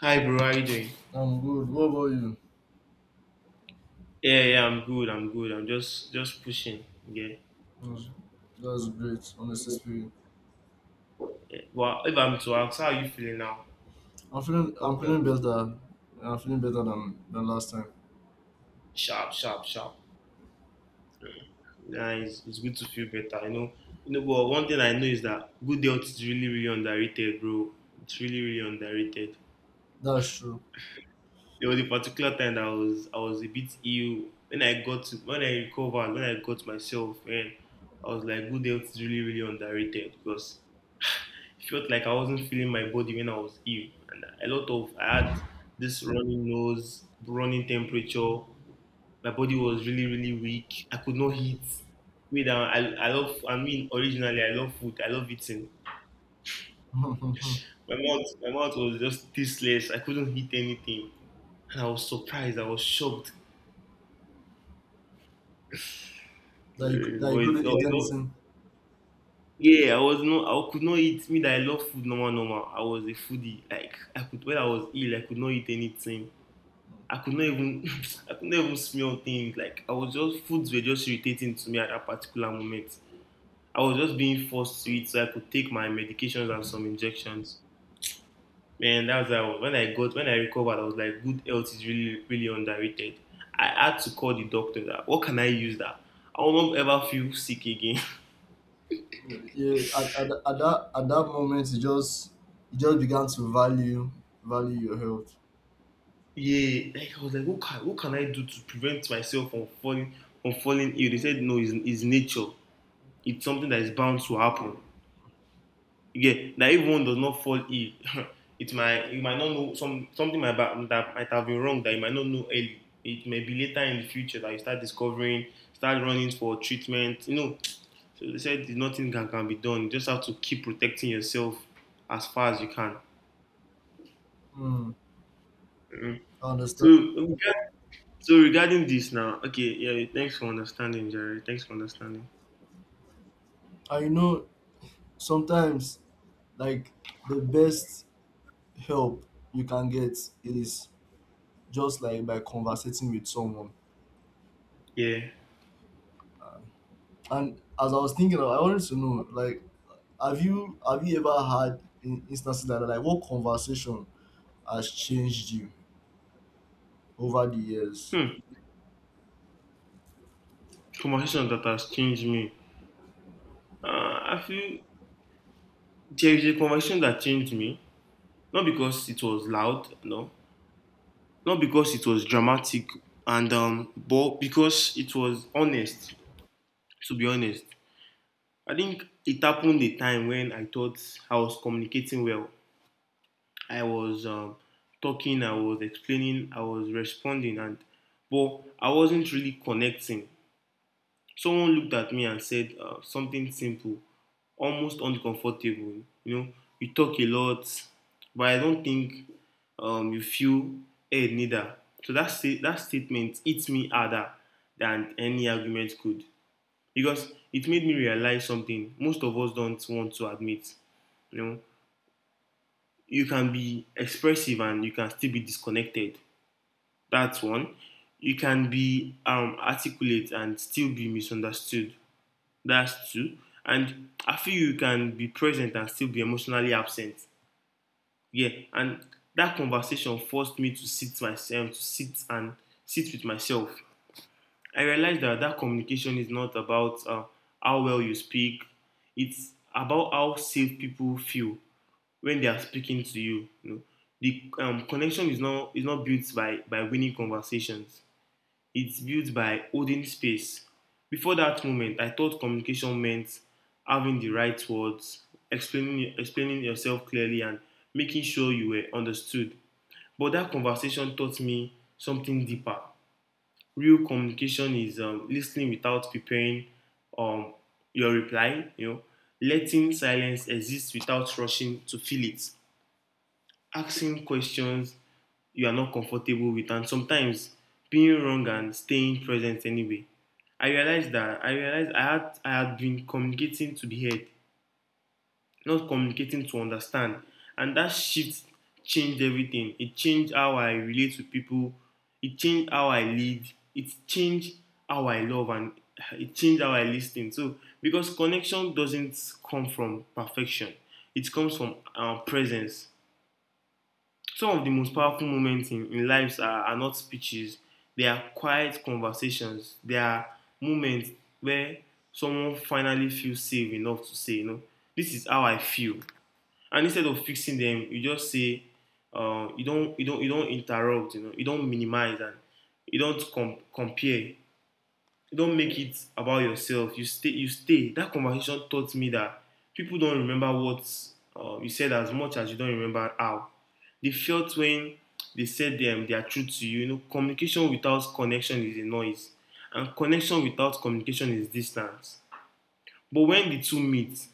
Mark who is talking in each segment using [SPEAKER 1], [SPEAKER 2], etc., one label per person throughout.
[SPEAKER 1] Hi bro, how you doing?
[SPEAKER 2] I'm good. What about you?
[SPEAKER 1] Yeah, I'm good. I'm good. I'm just pushing. Yeah.
[SPEAKER 2] That's, that's great, honestly speaking.
[SPEAKER 1] Yeah. Well, if I'm to ask, how are you feeling now?
[SPEAKER 2] I'm feeling
[SPEAKER 1] I
[SPEAKER 2] I'm
[SPEAKER 1] hope you're
[SPEAKER 2] feeling
[SPEAKER 1] good.
[SPEAKER 2] better. I'm feeling better than last time.
[SPEAKER 1] Sharp. Yeah, nah, it's good to feel better. You know. But one thing I know is that good health is really, really underrated, bro. It's really, really underrated.
[SPEAKER 2] That's true.
[SPEAKER 1] There was a particular time that I was a bit ill. When I recovered, when I got myself, and I was like, good health is really, really underrated because felt like I wasn't feeling my body when I was ill, and a lot of I had this running nose, running temperature. My body was really really weak. I could not eat. Wait, I love. I mean, originally I love food. I love eating.
[SPEAKER 2] that
[SPEAKER 1] My mouth was just tasteless. I couldn't eat anything, and I was surprised. I was shocked.
[SPEAKER 2] you cou- that you
[SPEAKER 1] But it's,
[SPEAKER 2] couldn't
[SPEAKER 1] oh,
[SPEAKER 2] eat
[SPEAKER 1] it's all-
[SPEAKER 2] anything.
[SPEAKER 1] yeah, I was no, I could not eat. Me that I love food, normal, normal. I was a foodie. Like I could, when I was ill, I could not eat anything. I could not even I could not even smell things. Like I was just foods were just irritating to me at that particular moment. I was just being forced to it so I could take my medications and some injections. Man, that's how when I recovered, I was like, good health is really really underrated. I had to call the doctor that what can I use that? I will not ever feel sick again.
[SPEAKER 2] Yeah, at that moment you just began to value your health.
[SPEAKER 1] yeah, like I was like, what can I do to prevent myself from falling ill? They said no, it's nature. It's something that is bound to happen. Yeah, that if one does not fall ill, it might you might not know that might have been wrong that you might not know early. It may be later in the future that you start discovering, start running for treatment. You know, so they said nothing can be done. You just have to keep protecting yourself as far as you can.
[SPEAKER 2] Mm.
[SPEAKER 1] Mhm.
[SPEAKER 2] I
[SPEAKER 1] So
[SPEAKER 2] understand.
[SPEAKER 1] regard- so regarding this now, okay, yeah, thanks for understanding, Jerry. Thanks for understanding.
[SPEAKER 2] And sometimes like the best help you can get is just like by conversating with someone.
[SPEAKER 1] Yeah.
[SPEAKER 2] And as I was thinking, I wanted to know, like, have you ever had instances like that? Like, what conversation has changed you over the years?
[SPEAKER 1] Hmm. Conversation that has changed me. I feel there is a conversation that changed me. Not because it was loud, no. Not because it was dramatic, and but because it was honest. To be honest, I think it happened a time when I thought I was communicating well. I was talking, I was explaining, I was responding, and but I wasn't really connecting. Someone looked at me and said something simple, almost uncomfortable. You know, you talk a lot, but I don't think you feel heard neither. So that statement hits me harder than any argument could because it made me realize something most of us don't want to admit. You know, you can be expressive and you can still be disconnected. That's one. You can be articulate and still be misunderstood. That's true. And I feel you can be present and still be emotionally absent. Yeah, and that conversation forced me to sit and sit with myself. I realized that communication is not about how well you speak. It's about how safe people feel when they are speaking to you. You know? The connection is not built by winning conversations. It's built by holding space. Before that moment, I thought communication meant having the right words, explaining yourself clearly, and making sure you were understood. But that conversation taught me something deeper. Real communication is listening without preparing um, your reply, you know, letting silence exist without rushing to fill it, asking questions you are not comfortable with and sometimes being wrong and staying present anyway. I realized I had been communicating to the head, not communicating to understand. And that shift changed everything. It changed how I relate to people, it changed how I lead, it changed how I love and it changed how I listen. So because connection doesn't come from perfection, it comes from our presence. Some of the most powerful moments in lives are not speeches. They are quiet conversations. They are moments where someone finally feels safe enough to say, you know, this is how I feel. And instead of fixing them, you just say, you don't interrupt. You know, you don't minimize and you don't com- compare. You don't make it about yourself. You stay. You stay. That conversation taught me that people don't remember what you said as much as you don't remember how. They felt when they said them their truth to you. You know, communication without connection is a noise, and connection without communication is distance. But when the two meet,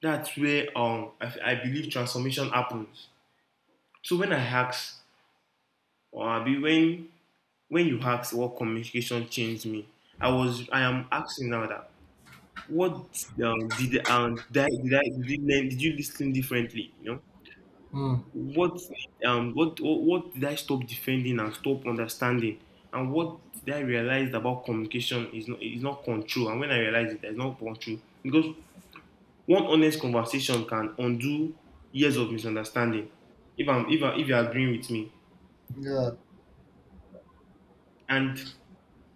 [SPEAKER 1] that's where I believe transformation happens. So when I asked, or I be when you asked, what communication changed me, I am asking now that What did I, did I did you learn, did you listen differently? You know
[SPEAKER 2] Hmm.
[SPEAKER 1] what what did I stop defending and stop understanding, and what did I realize about communication is not control, and when I realized it, there's not control because one honest conversation can undo years of misunderstanding. If I'm if I, if you're agreeing with me,
[SPEAKER 2] Yeah.
[SPEAKER 1] and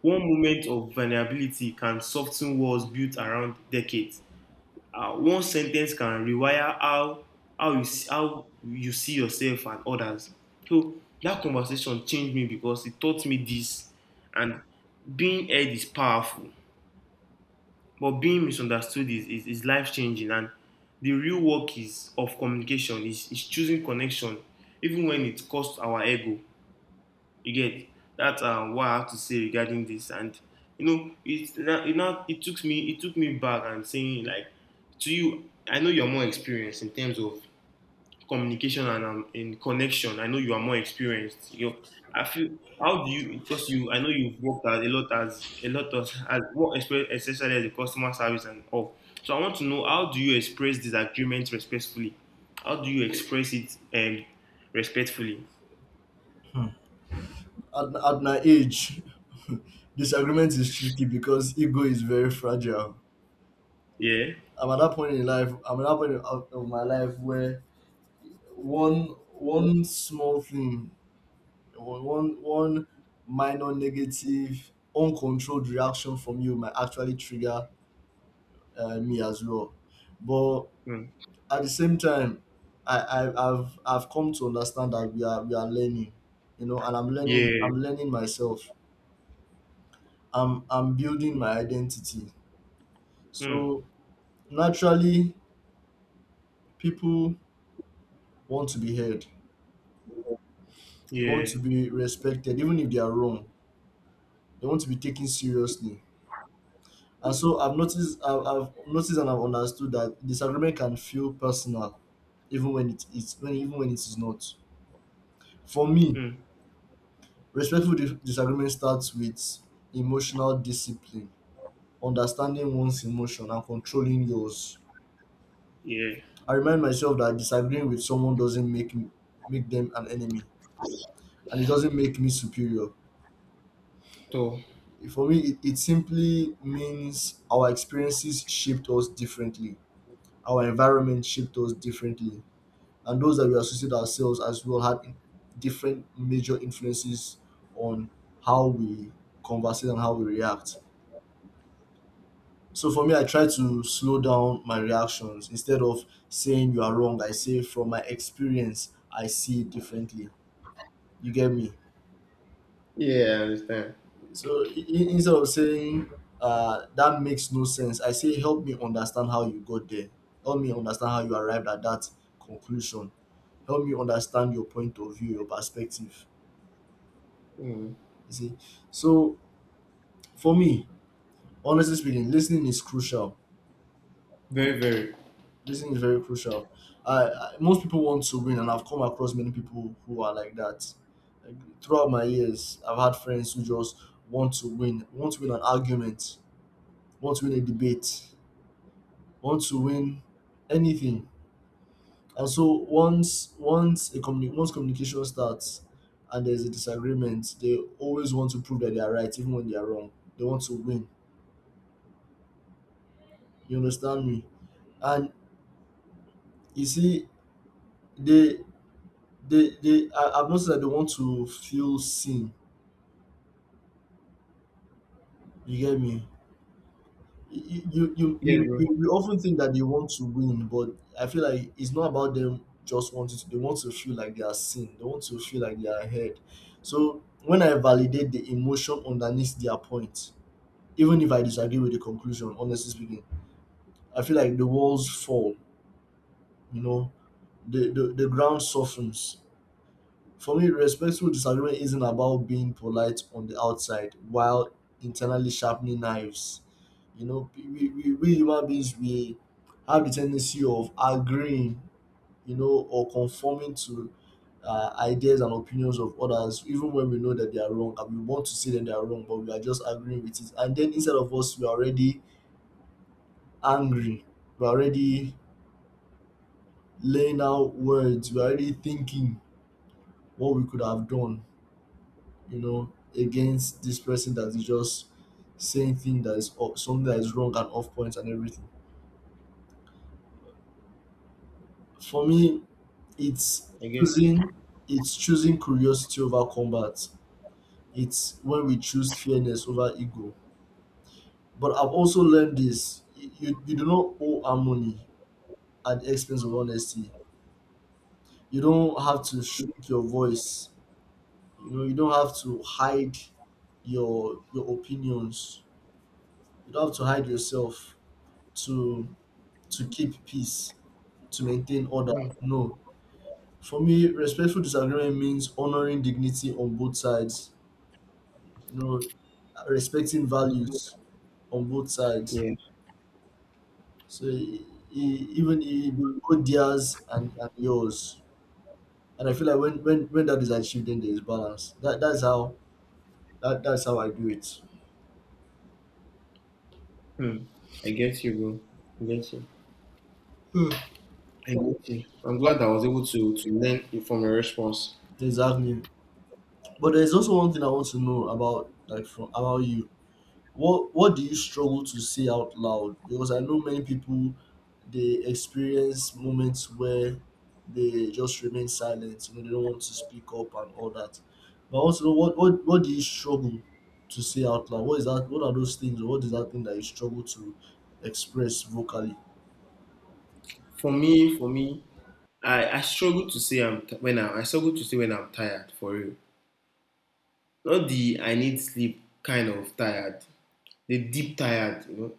[SPEAKER 1] one moment of vulnerability can soften walls built around decades. One sentence can rewire how you see, yourself and others. So that conversation changed me because it taught me this, and being heard is powerful, but being misunderstood is life changing. And the real work is of communication is choosing connection even when it costs our ego. You get That's what I have to say regarding this. And you know, it not it took me back and saying like to you, I know you're more experienced in terms of communication and in connection. I know you are more experienced. You know, I feel how do you because you I know you've worked as a lot of especially as a customer service and all. So I want to know, how do you express disagreement respectfully? How do you express it respectfully?
[SPEAKER 2] At my age, disagreement is tricky because ego is very fragile.
[SPEAKER 1] Yeah.
[SPEAKER 2] I'm at that point in life. I'm at that point of my life where one one small thing, one minor negative, uncontrolled reaction from you might actually trigger me as well. But
[SPEAKER 1] Mm.
[SPEAKER 2] at the same time, I've come to understand that we are learning, and I'm learning I'm
[SPEAKER 1] Yeah.
[SPEAKER 2] learning myself. I'm building my identity.
[SPEAKER 1] Hmm.
[SPEAKER 2] So naturally, people want to be heard. They want
[SPEAKER 1] Yeah.
[SPEAKER 2] to be respected, even if they are wrong. They want to be taken seriously. And so I've noticed and I've understood that disagreement can feel personal, even when it is not. For me,
[SPEAKER 1] Hmm.
[SPEAKER 2] respectful disagreement starts with emotional discipline, understanding one's emotion and controlling yours.
[SPEAKER 1] Yeah.
[SPEAKER 2] I remind myself that disagreeing with someone doesn't make them an enemy, and it doesn't make me superior.
[SPEAKER 1] So.
[SPEAKER 2] For me, it simply means our experiences shaped us differently, our environment shaped us differently, and those that we associate ourselves as well had different major influences on how we converse and how we react. So for me, I try to slow down my reactions. Instead of saying you are wrong, I say from my experience, I see it differently. You get me?
[SPEAKER 1] Yeah, I understand.
[SPEAKER 2] So instead of saying that makes no sense, I say help me understand how you got there. Help me understand how you arrived at that conclusion. Help me understand your point of view, your perspective. You see? So for me, honestly speaking, listening is crucial.
[SPEAKER 1] Very, very.
[SPEAKER 2] This thing is very crucial. I Most people want to win, and I've come across many people who are like that. Like, throughout my years, I've had friends who just want to win an argument, want to win a debate, want to win anything. And so once communication starts and there's a disagreement, they always want to prove that they are right, even when they are wrong. They want to win. You understand me? And you see, they I've noticed that they want to feel seen. You get me? You you
[SPEAKER 1] Yeah,
[SPEAKER 2] you
[SPEAKER 1] bro.
[SPEAKER 2] you you often think that they want to win, but I feel like it's not about them just wanting to. They want to feel like they are seen. They want to feel like they are ahead. So when I validate the emotion underneath their point, even if I disagree with the conclusion, honestly speaking, I feel like the walls fall. You know, the ground softens. For me, respectful disagreement isn't about being polite on the outside while internally sharpening knives. We human beings, we have the tendency of agreeing, or conforming to ideas and opinions of others, even when we know that they are wrong and we want to say that they are wrong, but we are just agreeing with it. And then instead of us, we are already angry, we're already laying out words, we're already thinking what we could have done you know, against this person that is just saying thing that is off, something that is wrong and off point and everything. For me, it's
[SPEAKER 1] I guess.
[SPEAKER 2] choosing it's choosing curiosity over combat. It's when we choose fairness over ego. But I've also learned this: you do not owe harmony at the expense of honesty. You don't have to shrink your voice. You don't have to hide your opinions. You don't have to hide yourself to to keep peace, to maintain order.
[SPEAKER 1] Hmm.
[SPEAKER 2] No. For me, respectful disagreement means honoring dignity on both sides, you know, respecting values on both sides.
[SPEAKER 1] Yeah.
[SPEAKER 2] So e- even e- both theirs and yours. And I feel like when that is achieved, then there is balance. That's how I do it.
[SPEAKER 1] Hmm. I get you, bro. I get you.
[SPEAKER 2] Hmm.
[SPEAKER 1] I get you. I'm glad I was able to learn it from your response.
[SPEAKER 2] Exactly. But there's also one thing I want to know about like from about you. What do you struggle to say out loud? Because I know many people they experience moments where they just remain silent, they don't want to speak up and all that. But also what do you struggle to say out loud? What is that what are those things or what is that thing that you struggle to express vocally?
[SPEAKER 1] For me, I struggle to say I struggle to say when I'm tired for real. Not the I need sleep kind of tired. The deep tired, you know,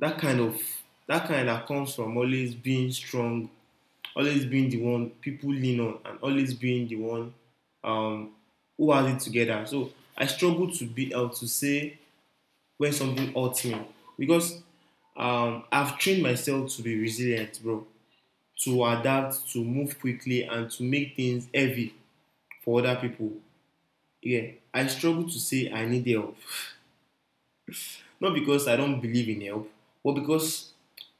[SPEAKER 1] that kind of that kind that comes from always being strong always being the one people lean on and always being the one um, who has it together. So I struggle to be able to say when something hurts me because I've trained myself to be resilient, bro, to adapt, to move quickly, and to make things heavy for other people. Yeah, I struggle to say I need help, not because I don't believe in help, but because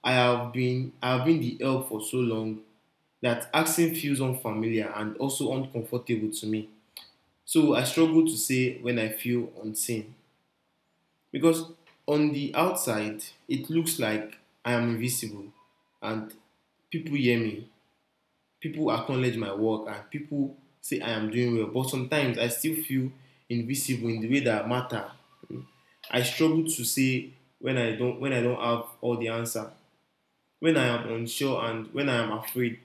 [SPEAKER 1] I've been the help for so long that accent feels unfamiliar and also uncomfortable to me. So I struggle to say when I feel unseen. Because on the outside, it looks like I am invisible and people hear me, people acknowledge my work, and people say I am doing well. But sometimes I still feel invisible in the way that matter. I struggle to say when I don't have all the answer, when I am unsure and when I am afraid.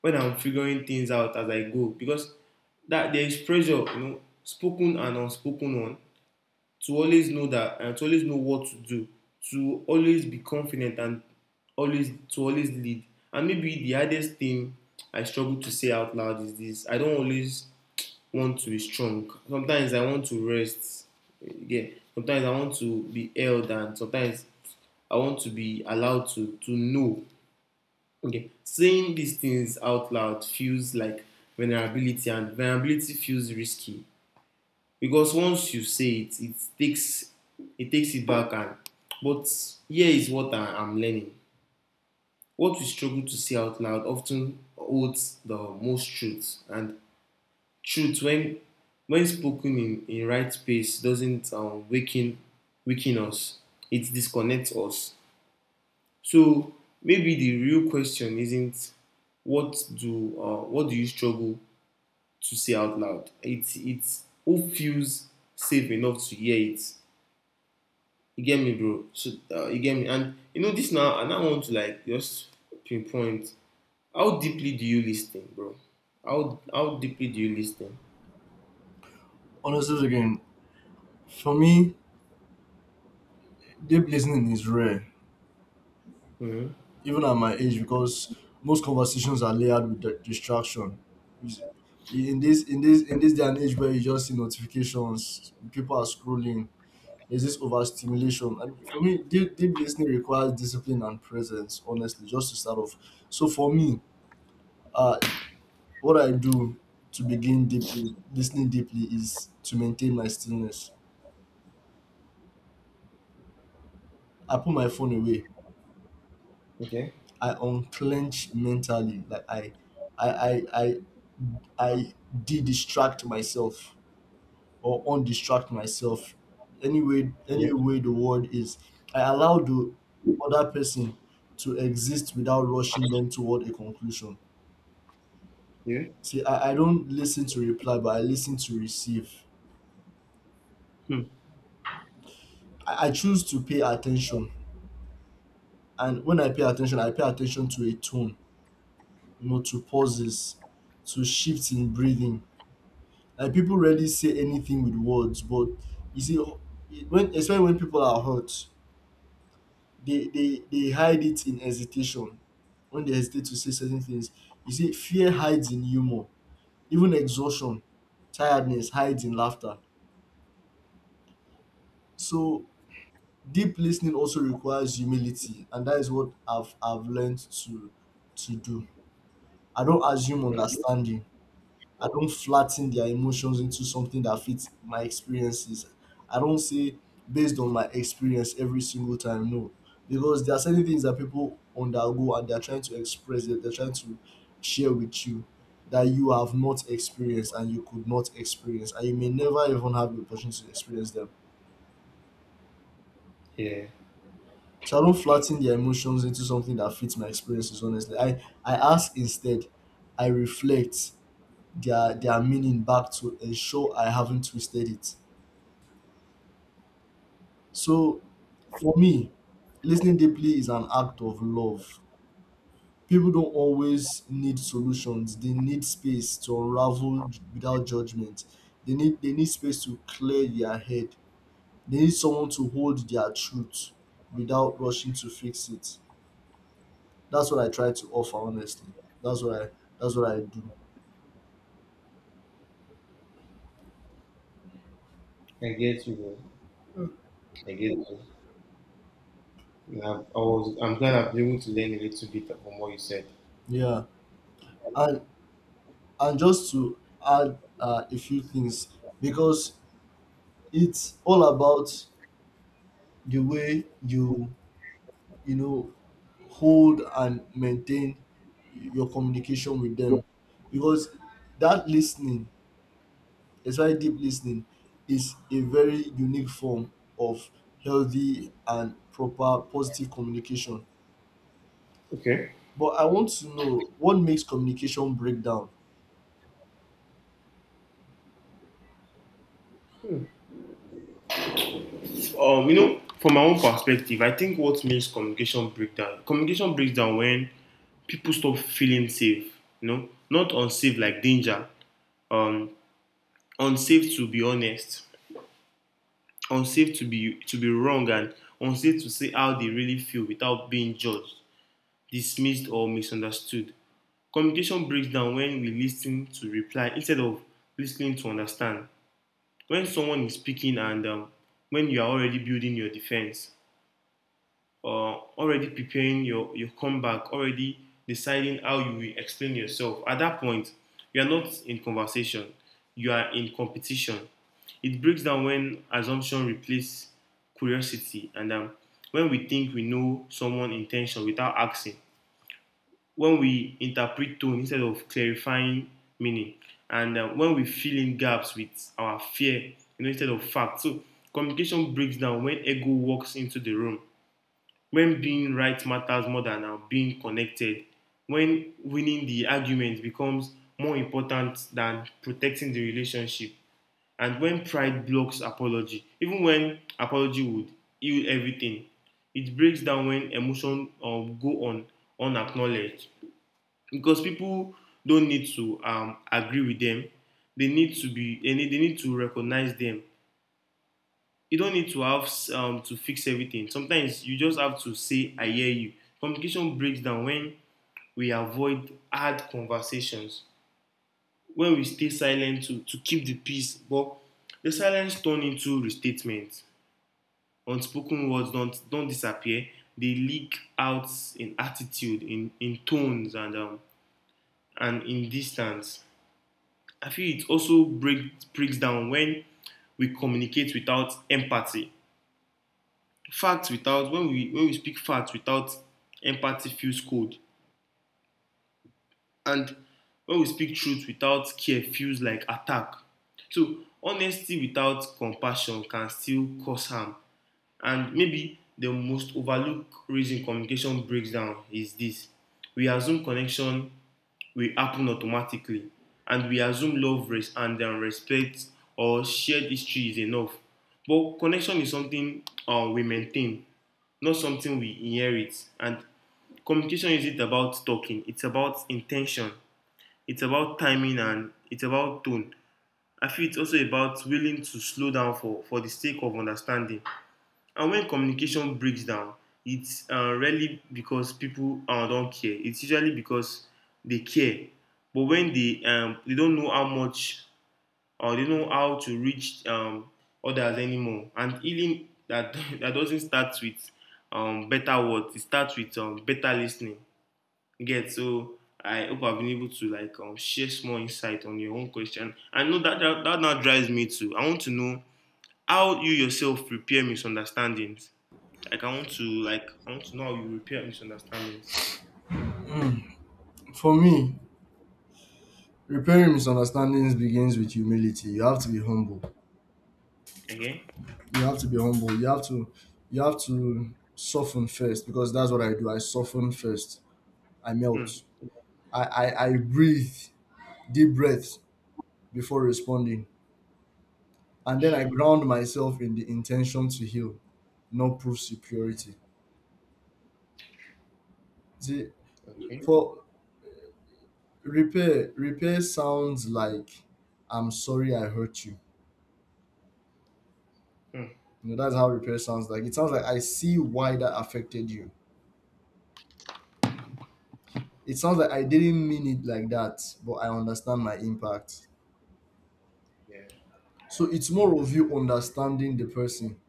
[SPEAKER 1] When I'm figuring things out as I go because that there is pressure, you know, spoken and unspoken one, to always know that and to always know what to do, to always be confident and always to always lead. And maybe the hardest thing I struggle to say out loud is this: I don't always want to be strong. Sometimes I want to rest. Yeah. Sometimes I want to be held, and sometimes I want to be allowed to know. Okay, saying these things out loud feels like vulnerability, and vulnerability feels risky because once you say it, it takes it back. And but here is what I'm learning: what we struggle to say out loud often holds the most truth, and truth when spoken in right space doesn't weaken us; it disconnects us. So maybe the real question isn't what do you struggle to say out loud. It's who feels safe enough to hear it. You get me, bro. So you get me, and you know this now. And I want to like just pinpoint how deeply do you listen, bro? How deeply do you listen?
[SPEAKER 2] Honestly, again, for me, deep listening is rare,
[SPEAKER 1] Mm-hmm.
[SPEAKER 2] even at my age, because most conversations are layered with distraction. Is- in this day and age where you just see notifications, people are scrolling. There's this overstimulation, and for me, deep, deep listening requires discipline and presence. Honestly, just to start off. So for me, uh, what I do to begin deeply listening deeply is to maintain my stillness. I put my phone away.
[SPEAKER 1] Okay.
[SPEAKER 2] I unclench mentally, like I I I, I de-distract myself or undistract myself. Anyway,
[SPEAKER 1] Yeah.
[SPEAKER 2] any way the word is, I allow the other person to exist without rushing them toward a conclusion.
[SPEAKER 1] Yeah.
[SPEAKER 2] See, I don't listen to reply, but I listen to receive.
[SPEAKER 1] Hmm.
[SPEAKER 2] I choose to pay attention. And when I pay attention to a tone, to pauses, to shifts in breathing. Like people rarely say anything with words, but you see, when especially when people are hurt, they hide it in hesitation when they hesitate to say certain things. You see, fear hides in humor. Even exhaustion, tiredness hides in laughter. So deep listening also requires humility, and that is what I've learned to to do. I don't assume
[SPEAKER 1] Mm.
[SPEAKER 2] understanding. I don't flatten their emotions into something that fits my experiences. I don't say based on my experience every single time, no. Because there are certain things that people undergo and they're trying to express, they're trying to share with you that you have not experienced and you could not experience, and you may never even have the opportunity to experience them.
[SPEAKER 1] Yeah,
[SPEAKER 2] So I don't flatten their emotions into something that fits my experiences, honestly. I ask instead, I reflect their meaning back to ensure I haven't twisted it. So for me, listening deeply is an act of love. People don't always need solutions. They need space to unravel without judgment. They need space to clear their head. They need someone to hold their truth without rushing to fix it. That's what I try to offer honestly. That's what I that's what I do.
[SPEAKER 1] I get you, bro. I get you. And I'm glad I've been able to learn a little bit from what you said.
[SPEAKER 2] Yeah. And and just to add a few things, because it's all about the way you you know hold and maintain your communication with them, because that listening, especially deep listening, is a very unique form of healthy and proper positive communication.
[SPEAKER 1] Okay.
[SPEAKER 2] But I want to know what makes communication break down.
[SPEAKER 1] You know, from my own perspective, I think what makes communication break down. Communication breaks down when people stop feeling safe. You know, not unsafe like danger. Um, Unsafe to be honest. Unsafe to be wrong and unsafe to say how they really feel without being judged, dismissed or misunderstood. Communication breaks down when we listen to reply instead of listening to understand. When someone is speaking and when you are already building your defense. Already preparing your comeback, already deciding how you will explain yourself. At that point, you are not in conversation, you are in competition. It breaks down when assumption replaces curiosity and when we think we know someone's intention without asking, when we interpret tone instead of clarifying meaning, and when we fill in gaps with our fear, you know, instead of facts. So communication breaks down when ego walks into the room, when being right matters more than being connected, when winning the argument becomes more important than protecting the relationship, and when pride blocks apology, even when apology would heal everything. It breaks down when emotion go on unacknowledged, because people don't need to agree with them; they need to they need to recognize them. You don't need to have to fix everything. Sometimes you just have to say, I hear you. Communication breaks down when we avoid hard conversations, when we stay silent to keep the peace. But the silence turns into restatements. Unspoken words don't disappear. They leak out in attitude, in tones, and in distance. I feel it also breaks down when we communicate without empathy. Fact without When we speak fact without empathy feels cold, and when we speak truth without care feels like attack. So honesty without compassion can still cause harm. And maybe the most overlooked reason communication breaks down is this: we assume connection will happen automatically, and we assume love and respect or shared history is enough. But connection is something we maintain, not something we inherit. And communication isn't about talking, it's about intention, it's about timing, and it's about tone. I feel it's also about willing to slow down for the sake of understanding. And when communication breaks down, it's rarely because people don't care. It's usually because they care, but when they don't know how much, or they know how to reach others anymore. And healing that that doesn't start with better words. It starts with better listening. You Get so. I hope I've been able to like share small insight on your own question. I know that now drives me too. I want to know how you yourself prepare misunderstandings. I want to know how you repair misunderstandings.
[SPEAKER 2] For me, repairing misunderstandings begins with humility. You have to be humble.
[SPEAKER 1] Okay.
[SPEAKER 2] You have to soften first, because that's what I do. I soften first. I
[SPEAKER 1] Hmm.
[SPEAKER 2] melt. I breathe deep breaths before responding, and then I
[SPEAKER 1] Sure.
[SPEAKER 2] ground myself in the intention to heal, not prove superiority. See,
[SPEAKER 1] Okay.
[SPEAKER 2] for repair sounds like I'm sorry I hurt you.
[SPEAKER 1] Hmm.
[SPEAKER 2] That's how repair sounds like. It sounds like I see why that affected you. It sounds like I didn't mean it like that, but I understand my impact.
[SPEAKER 1] Yeah.
[SPEAKER 2] So it's more of you understanding the person,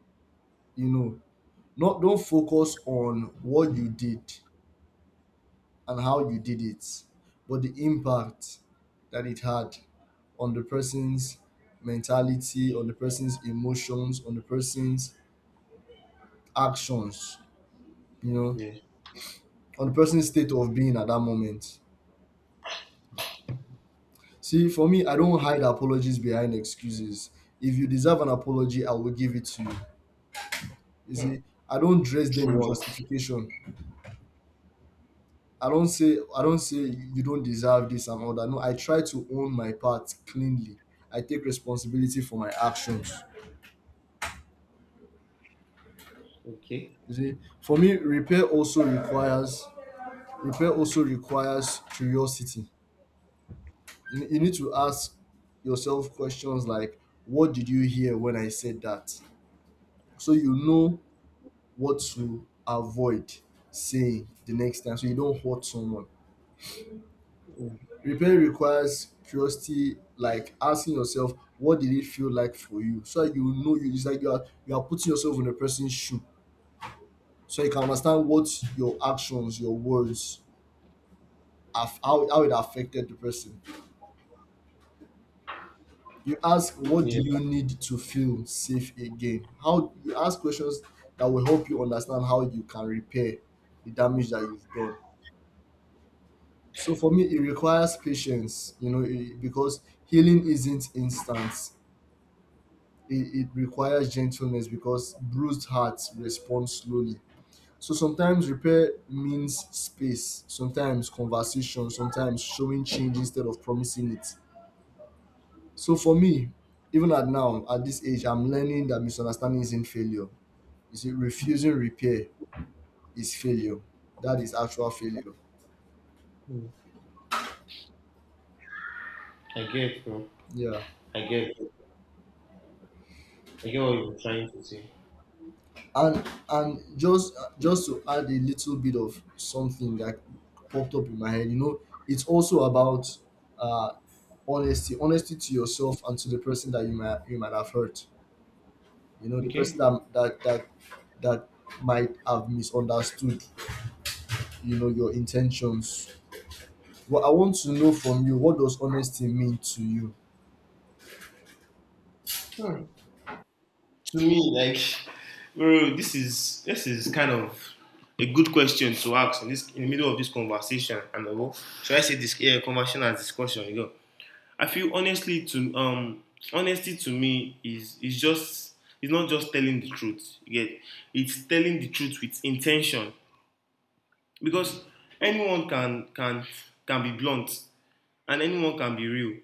[SPEAKER 2] you know. Not don't focus on what you did and how you did it, but the impact that it had on the person's mentality, on the person's emotions, on the person's actions, you know,
[SPEAKER 1] Yeah.
[SPEAKER 2] on the person's state of being at that moment. See, for me, I don't hide apologies behind excuses. If you deserve an apology, I will give it to you. You
[SPEAKER 1] Hmm.
[SPEAKER 2] see, I don't dress them
[SPEAKER 1] True
[SPEAKER 2] in
[SPEAKER 1] words.
[SPEAKER 2] justification. I don't say you don't deserve this and all that. No, I try to own my part cleanly. I take responsibility for my actions.
[SPEAKER 1] Okay.
[SPEAKER 2] You see, for me, repair also requires curiosity. You need to ask yourself questions like, "What did you hear when I said that?" So you know what to avoid saying the next time, so you don't hurt someone.
[SPEAKER 1] Hmm.
[SPEAKER 2] Repair requires curiosity, like asking yourself, "What did it feel like for you?" So that you know you it's like you are putting yourself in a person's shoe, so you can understand what your actions, your words how it affected the person. You ask, what do
[SPEAKER 1] Yeah.
[SPEAKER 2] you need to feel safe again? How you ask questions that will help you understand how you can repair the damage that you've done. So for me, it requires patience, because healing isn't instant. It requires gentleness because bruised hearts respond slowly. So sometimes repair means space, sometimes conversation, sometimes showing change instead of promising it. So for me, at this age, I'm learning that misunderstanding isn't failure. You see, refusing repair is failure. That is actual failure.
[SPEAKER 1] Hmm. I get, bro.
[SPEAKER 2] Yeah.
[SPEAKER 1] I get. I get what you're trying to say.
[SPEAKER 2] And and just to add a little bit of something that popped up in my head, it's also about uh honesty. Honesty to yourself and to the person that you might have hurt. You know, the person
[SPEAKER 1] Okay.
[SPEAKER 2] that might have misunderstood, your intentions. Well, I want to know from you, what does honesty mean to you?
[SPEAKER 1] Hmm. To me, like, bro, this is kind of a good question to ask in this in the middle of this conversation. And should I say this, yeah, conversation as discussion? You go. I feel honestly to honesty to me is just, it's not just telling the truth. Yet it's telling the truth with intention, because anyone can can be blunt and anyone can be real.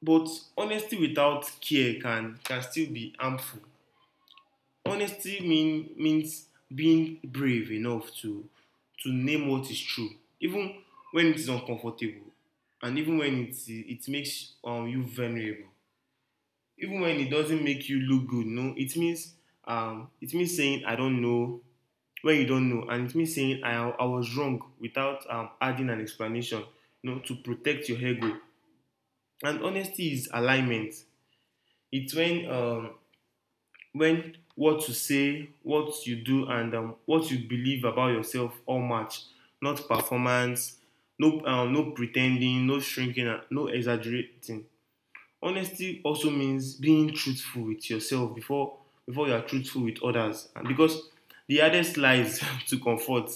[SPEAKER 1] But honesty without care can still be harmful. Honesty means being brave enough to name what is true, even when it is uncomfortable and even when it makes you vulnerable. Even when it doesn't make you look good. No, it means it means saying I don't know when you don't know, and it means saying I was wrong without adding an explanation, you know, to protect your ego. And honesty is alignment. It's when what you say, what you do, and what you believe about yourself all match. Not performance, no no pretending, no shrinking, no exaggerating. Honesty also means being truthful with yourself before you are truthful with others, and because the hardest lies to comfort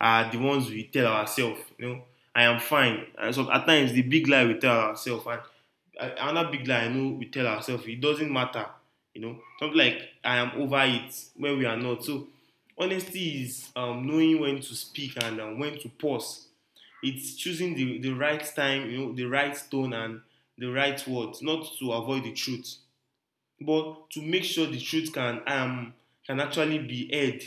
[SPEAKER 1] are the ones we tell ourselves, you know, I am fine. And so at times the big lie we tell ourselves, and another big lie I know we tell ourselves, it doesn't matter, you know, something like I am over it when we are not. So honesty is knowing when to speak and when to pause. It's choosing the right time, you know, the right tone and the right words, not to avoid the truth, but to make sure the truth can actually be heard.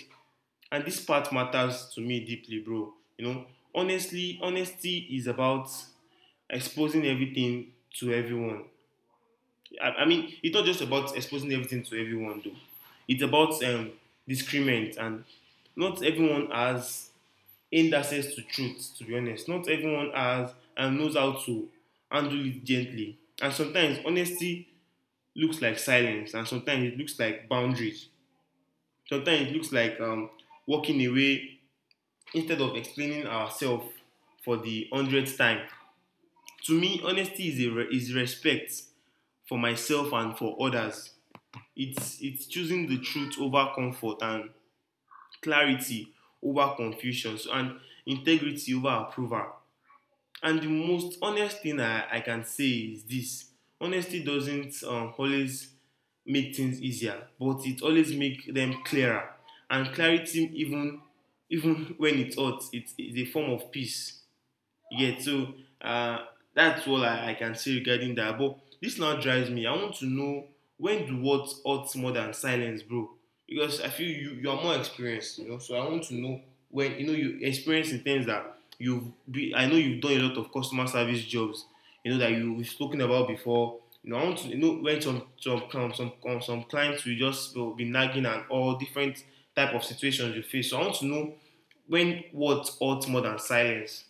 [SPEAKER 1] And this part matters to me deeply, bro. You know, honestly, honesty is about exposing everything to everyone. I mean, it's not just about exposing everything to everyone, though. It's about discriminant, and not everyone has aimed access to truth, to be honest. Not everyone has and knows how to handle it gently. And sometimes honesty looks like silence, and sometimes it looks like boundaries. Sometimes it looks like walking away instead of explaining ourselves for the hundredth time. To me, honesty is, is respect for myself and for others. It's choosing the truth over comfort, and clarity over confusion, so, and integrity over approval. And the most honest thing I can say is this: honesty doesn't always make things easier, but it always makes them clearer. And clarity, even when it hurts, it's a form of peace. Yeah, so uh, that's all I can say regarding that. But this now drives me. I want to know, when do words hurt more than silence, bro? Because I feel you are more experienced, you know. So I want to know, when you know you experience in things that you've be, I know you've done a lot of customer service jobs, you know, that you, we've spoken about before. You know, I want to you know when some clients will just will be nagging and all different type of situations you face. So I want to know when words hurt more than silence.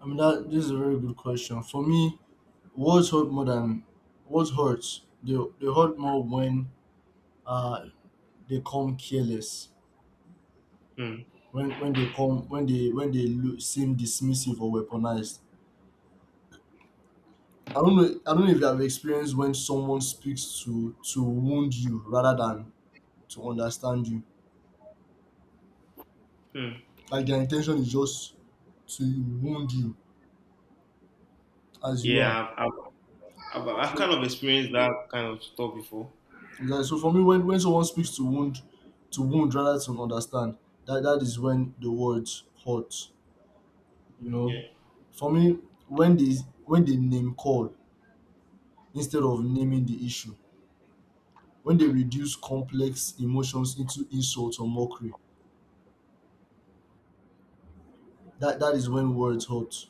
[SPEAKER 2] I mean, that this is a very good question. For me, words hurt more than words hurt more when uh they come careless.
[SPEAKER 1] Hmm.
[SPEAKER 2] When they come when they look, seem dismissive or weaponized. I don't know if you have experienced when someone speaks to wound you rather than to understand you.
[SPEAKER 1] Hmm.
[SPEAKER 2] Like their intention is just to wound you as you are.
[SPEAKER 1] Yeah, I've
[SPEAKER 2] So
[SPEAKER 1] kind of experienced that kind of stuff before.
[SPEAKER 2] So for me, when someone speaks to wound, rather than understand, that is when the words hurt. You know,
[SPEAKER 1] Yeah.
[SPEAKER 2] for me, when they name call instead of naming the issue, when they reduce complex emotions into insults or mockery, that is when words hurt.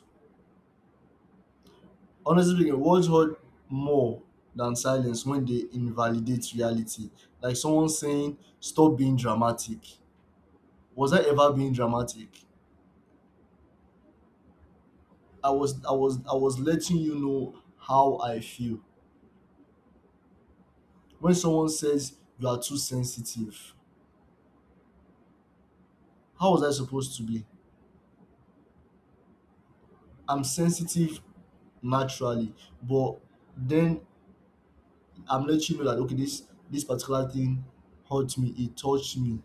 [SPEAKER 2] Honestly speaking, words hurt more than silence when they invalidate reality. Like someone saying, "Stop being dramatic." Was I ever being dramatic? I was letting you know how I feel. When someone says you are too sensitive, how was I supposed to be? I'm sensitive naturally, but then I'm letting you know that okay, this particular thing hurt me, it touched me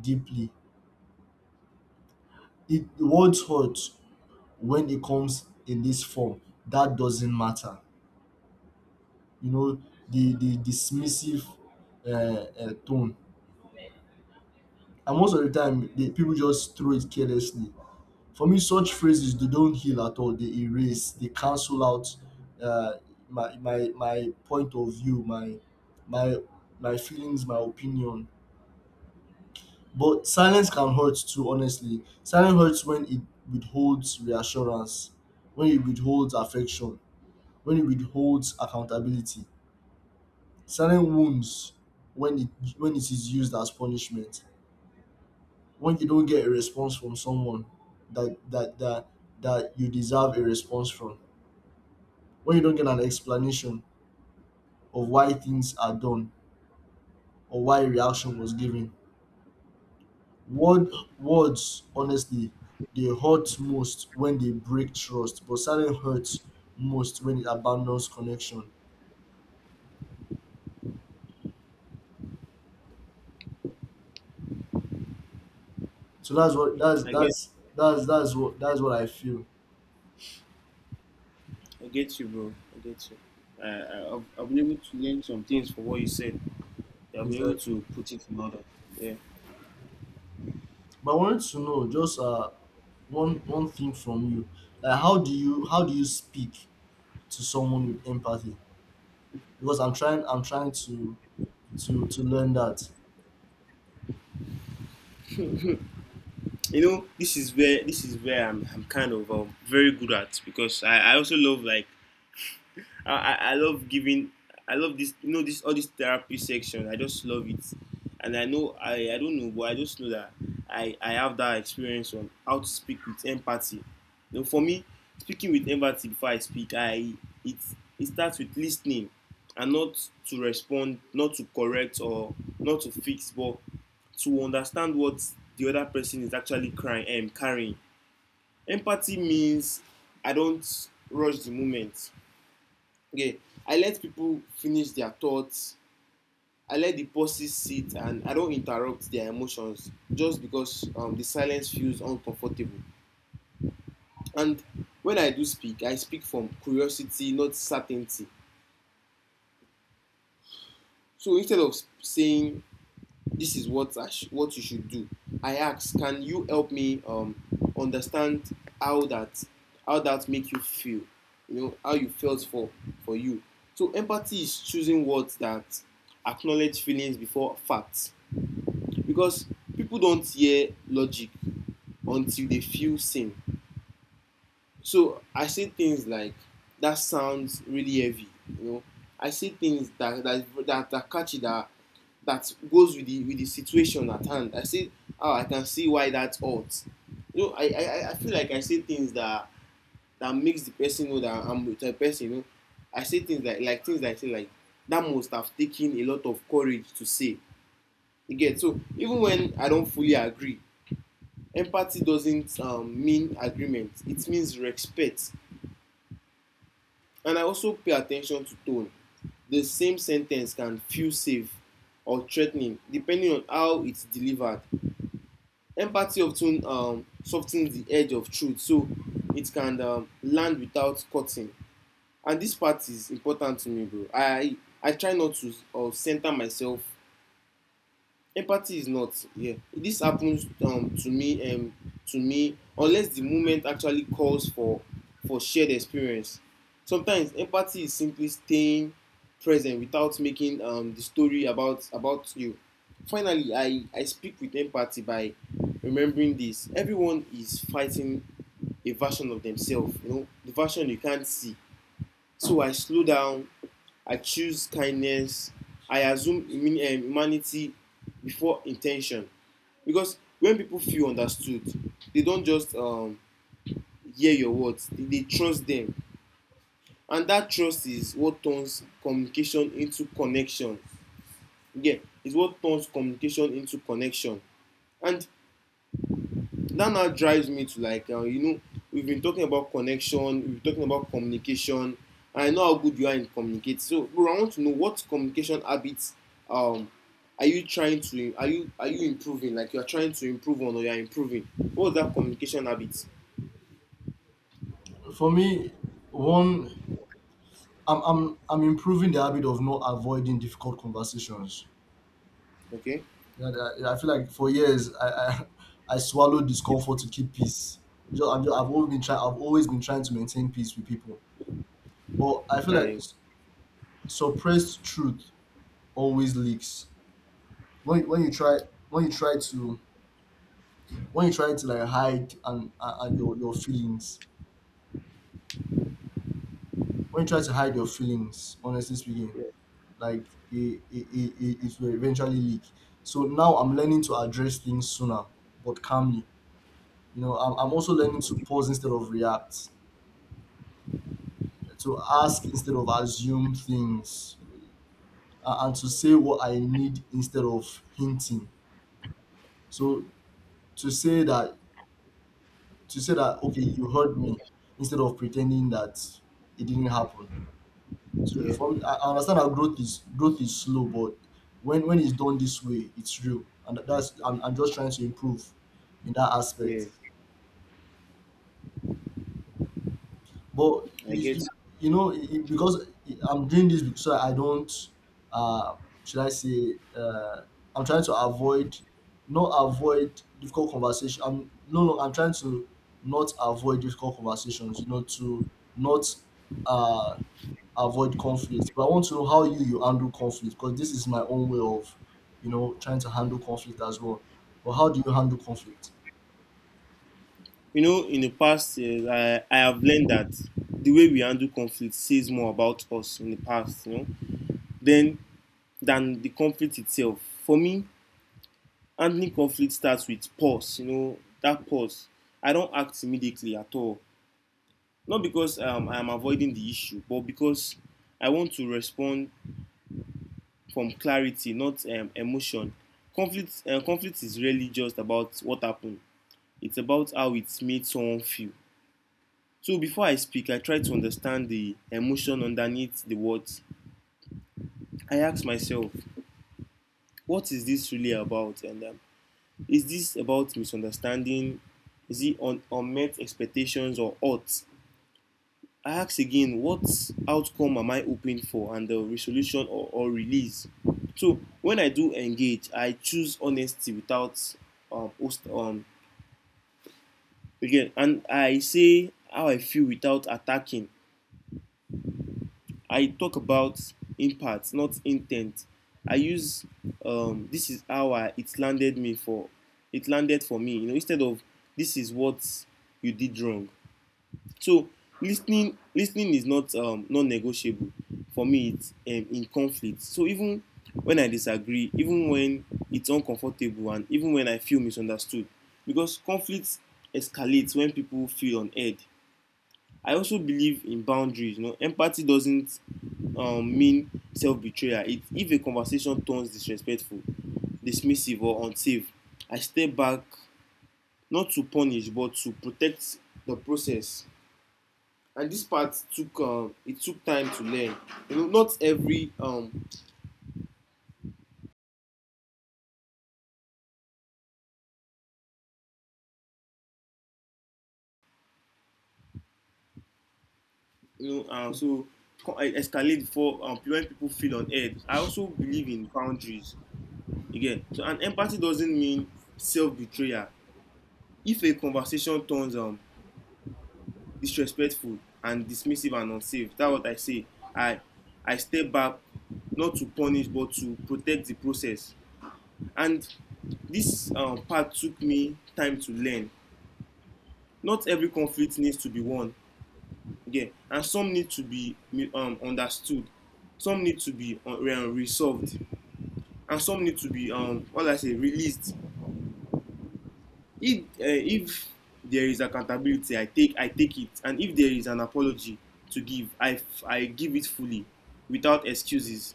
[SPEAKER 2] deeply. It the words hurt when it comes in this form. That doesn't matter. You know, the dismissive tone. And most of the time the people just throw it carelessly. For me, such phrases they don't heal at all. They erase, they cancel out uh, my point of view, my my feelings, my opinion. But silence can hurt too. Honestly, silence hurts when it withholds reassurance, when it withholds affection, when it withholds accountability. Silence wounds when it is used as punishment. When you don't get a response from someone that that that that you deserve a response from, when you don't get an explanation of why things are done or why reaction was given. Word, words, honestly, they hurt most when they break trust, but silence hurts most when it abandons connection. So
[SPEAKER 1] I get,
[SPEAKER 2] that's what I feel
[SPEAKER 1] I get you, bro. I get you. I've been able to learn some things from what you said. I've been able
[SPEAKER 2] exactly.
[SPEAKER 1] to put it in order. Yeah,
[SPEAKER 2] But I wanted to know just one thing from you, like how do you speak to someone with empathy? Because I'm trying to learn that.
[SPEAKER 1] you know, this is where I'm kind of very good at because I also love like I love giving. I love this. You know this, all this therapy section. I just love it, and I know I don't know, but I just know that I have that experience on how to speak with empathy. You know, for me, speaking with empathy, before I speak, I it it starts with listening, and not to respond, not to correct or not to fix, but to understand what the other person is actually crying and carrying. Empathy means I don't rush the moment. Okay, I let people finish their thoughts. I let the pauses sit and I don't interrupt their emotions just because the silence feels uncomfortable. And when I do speak, I speak from curiosity, not certainty. So instead of saying, this is what what you should do, I ask, can you help me understand how that make you feel? You know how you felt for you. So empathy is choosing words that acknowledge feelings before facts, because people don't hear logic until they feel seen. So I say things like, that sounds really heavy, you know. I say things that are catchy, that that goes with the situation at hand. I say, oh, I can see why that's odd. You know, I feel like I say things that that makes the person know that I'm with a person. You know, I say things like things like say like that must have taken a lot of courage to say. You get so even when I don't fully agree, empathy doesn't mean agreement, it means respect. And I also pay attention to tone. The same sentence can feel safe or threatening depending on how it's delivered. Empathy often softens the edge of truth so it can land without cutting. And this part is important to me, bro. I try not to center myself. Empathy is not, yeah, this happens to me unless the moment actually calls for shared experience. Sometimes empathy is simply staying present without making the story about you. Finally, I speak with empathy by remembering this: everyone is fighting a version of themselves, you know, the version you can't see. So I slow down, I choose kindness, I assume humanity before intention. Because when people feel understood, they don't just hear your words, they trust them. And that trust is what turns communication into connection. Yeah, it's what turns communication into connection. And that now drives me to, like, you know, we've been talking about connection, we've been talking about communication, and I know how good you are in communicating. So bro, I want to know, what communication habits, um are you trying to, are you improving, like, you are trying to improve on, or you are improving? What's that communication habit?
[SPEAKER 2] For me, one, I'm improving the habit of not avoiding difficult conversations.
[SPEAKER 1] Okay.
[SPEAKER 2] Yeah, I feel like for years I swallowed discomfort to keep peace. I've always been trying. I've always been trying to maintain peace with people, but I feel like
[SPEAKER 1] Nice.
[SPEAKER 2] suppressed truth always leaks. When when you try when you try to when you try to like hide and your feelings, when you try to hide your feelings, honestly speaking, like it will eventually leak. So now I'm learning to address things sooner, but calmly. You know, I'm also learning to pause instead of react, to ask instead of assume things, and to say what I need instead of hinting. So to say that, to say that, okay, you heard me, instead of pretending that it didn't happen. So
[SPEAKER 1] Yeah,
[SPEAKER 2] for me, I understand that growth is slow, but when it's done this way, it's real, and that's I'm just trying to improve in that
[SPEAKER 1] yeah.
[SPEAKER 2] aspect. But
[SPEAKER 1] I
[SPEAKER 2] you,
[SPEAKER 1] get.
[SPEAKER 2] you you know because I'm doing this so I don't, uh, should I say, I'm trying to avoid, not avoid difficult conversation. I'm no no I'm trying to not avoid difficult conversations. You know, to not uh avoid conflict. But I want to know how you handle conflict, because this is my own way of, you know, trying to handle conflict as well. But how do you handle conflict?
[SPEAKER 1] You know, in the past years, I have learned that the way we handle conflict says more about us in the past, you know, than the conflict itself. For me, handling conflict starts with pause. You know, that pause. I don't act immediately at all. Not because I am avoiding the issue, but because I want to respond from clarity, not emotion. Conflict is really just about what happened. It's about how it made someone feel. So before I speak, I try to understand the emotion underneath the words. I ask myself, what is this really about? And is this about misunderstanding? Is it on unmet expectations or odds? I ask again, what outcome am I hoping for, and the resolution, or release? So when I do engage, I choose honesty without um, host, um, again, and I say how I feel without attacking. I talk about impact, not intent. I use this is how I, it landed me for it landed for me. You know, instead of, this is what you did wrong. So listening is not non-negotiable for me. It's in conflict. So even when I disagree, even when it's uncomfortable, and even when I feel misunderstood, because conflict escalates when people feel on edge. I also believe in boundaries. You know, empathy doesn't mean self-betrayal. It, if a conversation turns disrespectful, dismissive, or unsafe, I step back, not to punish but to protect the process. And this part took it took time to learn. You know, not every so escalate before when people feel on edge. I also believe in boundaries again. So, and empathy doesn't mean self-betrayal. If a conversation turns disrespectful and dismissive and unsafe, that's what I say. i I step back, not to punish but to protect the process. And this part took me time to learn. Not every conflict needs to be won. Again, and some need to be understood, some need to be resolved, and some need to be what I say, released. If there is accountability, I take, I take it. And if there is an apology to give, I give it fully, without excuses.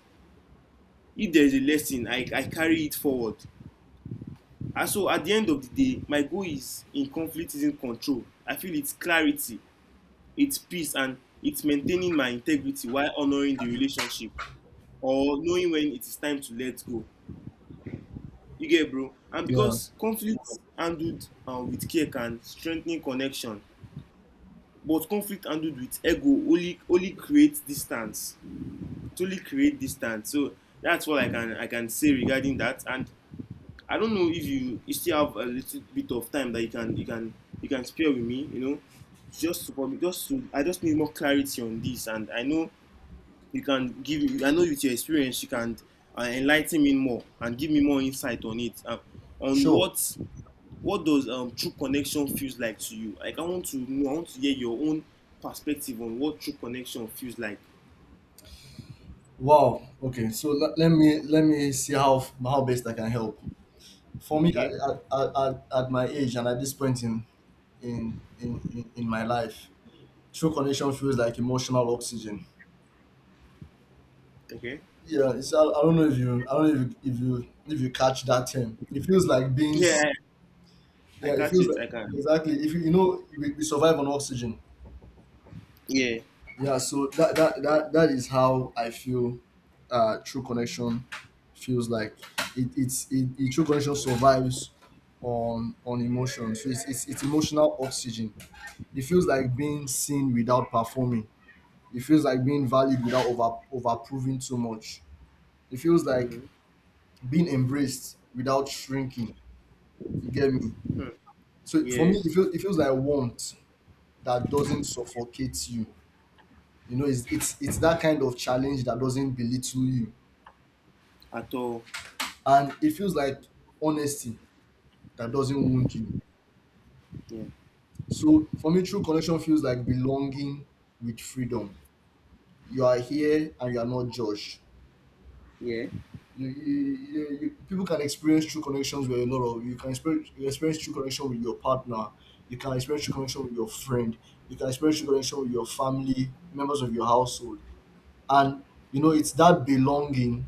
[SPEAKER 1] If there is a lesson, I carry it forward. And so at the end of the day, my goal is, in conflict isn't control, I feel it's clarity, it's peace, and it's maintaining my integrity while honouring the relationship, or knowing when it is time to let go. You get, bro? And
[SPEAKER 2] Yeah,
[SPEAKER 1] because conflict handled with care can strengthen connection, but conflict handled with ego only creates distance. It only create distance. So that's what I can say regarding that. And I don't know if you still have a little bit of time that you can spare with me, you know, just to probably, just to I just need more clarity on this. And I know you can give, I know with your experience you can enligh me more and give me more insight on it, on
[SPEAKER 2] sure.
[SPEAKER 1] what. What does true connection feels like to you? Like, I want to know, I want to hear your own perspective on what true connection feels like.
[SPEAKER 2] Wow. Okay. So let me see how best I can help. For me,
[SPEAKER 1] Okay.
[SPEAKER 2] at my age and at this point in my life, true connection feels like emotional oxygen.
[SPEAKER 1] Okay.
[SPEAKER 2] Yeah, it's, I don't know if you, I don't know if you, if you if you catch that term. It feels like being seen.
[SPEAKER 1] Yeah, I
[SPEAKER 2] Yeah, it
[SPEAKER 1] catch
[SPEAKER 2] feels
[SPEAKER 1] it.
[SPEAKER 2] like
[SPEAKER 1] I can.
[SPEAKER 2] exactly. If you, you know, we survive on oxygen.
[SPEAKER 1] Yeah.
[SPEAKER 2] Yeah, so that is how I feel. True connection feels like it, it's it, it. true connection survives on emotion. So it's emotional oxygen. It feels like being seen without performing. It feels like being valued without over proving too much. It feels like
[SPEAKER 1] Mm.
[SPEAKER 2] being embraced without shrinking. You get me? So for me,
[SPEAKER 1] Yeah.
[SPEAKER 2] it feels like warmth that doesn't suffocate you. You know, it's that kind of challenge that doesn't belittle you,
[SPEAKER 1] At all.
[SPEAKER 2] and it feels like honesty that doesn't wound you.
[SPEAKER 1] Yeah.
[SPEAKER 2] So for me, true connection feels like belonging with freedom. You are here and you are not judged.
[SPEAKER 1] Yeah.
[SPEAKER 2] People can experience true connections with a lot of, you can experience, you experience true connection with your partner. You can experience true connection with your friend. You can experience true connection with your family, members of your household, and you know it's that belonging,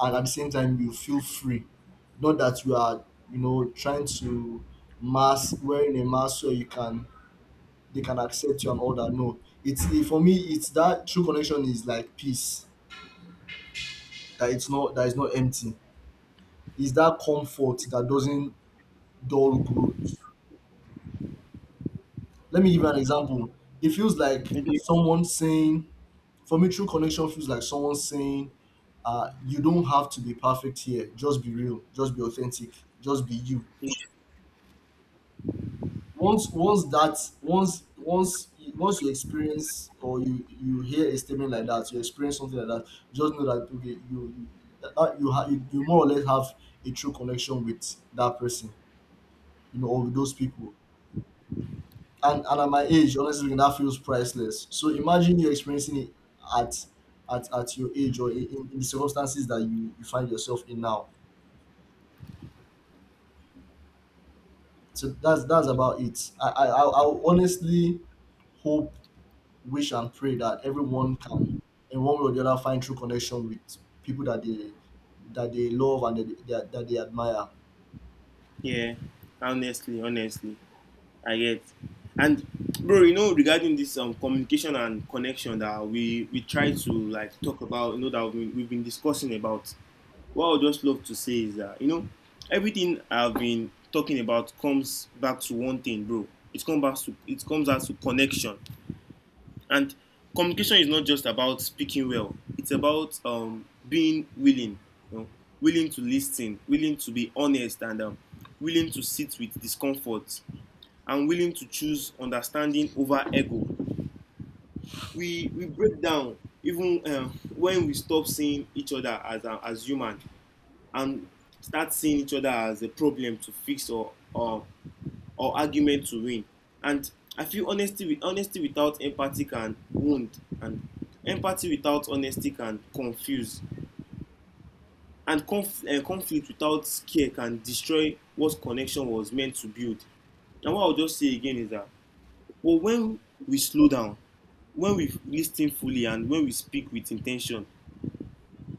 [SPEAKER 2] and at the same time you feel free. Not that you are, you know, trying to mask wearing a mask so you can they can accept you and all that. No, it's it, for me. It's that true connection is like peace that it's not that is not empty. It's that comfort that doesn't dull growth. Let me give you an example. It feels like
[SPEAKER 1] Okay.
[SPEAKER 2] someone saying, for me, true connection feels like someone saying, you don't have to be perfect here. Just be real. Just be authentic. Just be you. Once once you experience or you hear a statement like that, you experience something like that, just know that okay that, that you have you, you more or less have a true connection with that person, you know, or with those people. And at my age, honestly speaking, that feels priceless. So imagine you experiencing it at at your age or in the circumstances that you find yourself in now. So that's about it. I honestly hope wish and pray that everyone can, in one way or the other, find true connection with people that they love and that they admire.
[SPEAKER 1] Yeah. Honestly, honestly, I get. And bro, you know, regarding this communication and connection that we try to, like, talk about, you know, that we've been discussing about. What I would just love to say is that, you know, everything I've been talking about comes back to one thing, bro. It comes back to, it comes out to connection. And communication is not just about speaking well. It's about being willing, you know, willing to listen, willing to be honest, and willing to sit with discomfort, and willing to choose understanding over ego. We break down even when we stop seeing each other as human, and start seeing each other as a problem to fix, or or argument to win. And I feel honesty with, honesty without empathy can wound, and empathy without honesty can confuse, and conflict without care can destroy what connection was meant to build. And what I will just say again is that, well, when we slow down, when we listen fully, and when we speak with intention,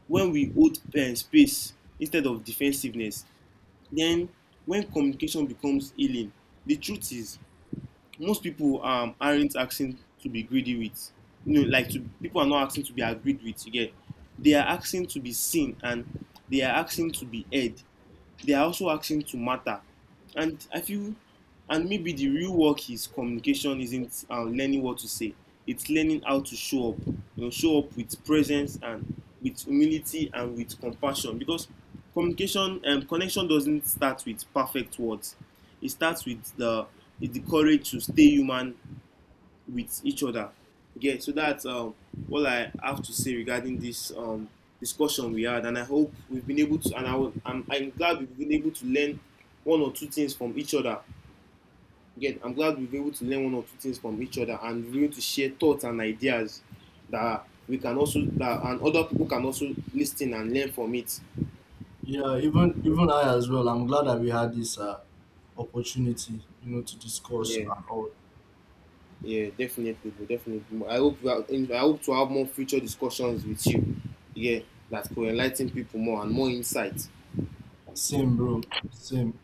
[SPEAKER 1] when we hold space instead of defensiveness, then, when communication becomes healing, the truth is, most people aren't asking to be greedy with. You know, like to, people are not asking to be agreed with. You get? They are asking to be seen, and they are asking to be heard. They are also asking to matter. And I feel, and maybe the real work is, communication isn't learning what to say. It's learning how to show up. You know, show up with presence and with humility and with compassion, because communication and connection doesn't start with perfect words. It starts with the, it's the courage to stay human with each other. Okay, so that's all I have to say regarding this discussion we had, and I hope we've been able to. And I will, I'm glad we've been able to learn one or two things from each other. Again, I'm glad we've been able to learn one or two things from each other, and we're able to share thoughts and ideas that we can also, that and other people can also listen and learn from it.
[SPEAKER 2] Yeah, even I as well. I'm glad that we had this opportunity, you know, to discuss
[SPEAKER 1] Yeah.
[SPEAKER 2] and all.
[SPEAKER 1] Yeah, definitely, definitely. I hope we are in, I hope to have more future discussions with you. Yeah, that could enlighten people more and more insight.
[SPEAKER 2] Same, bro. Same.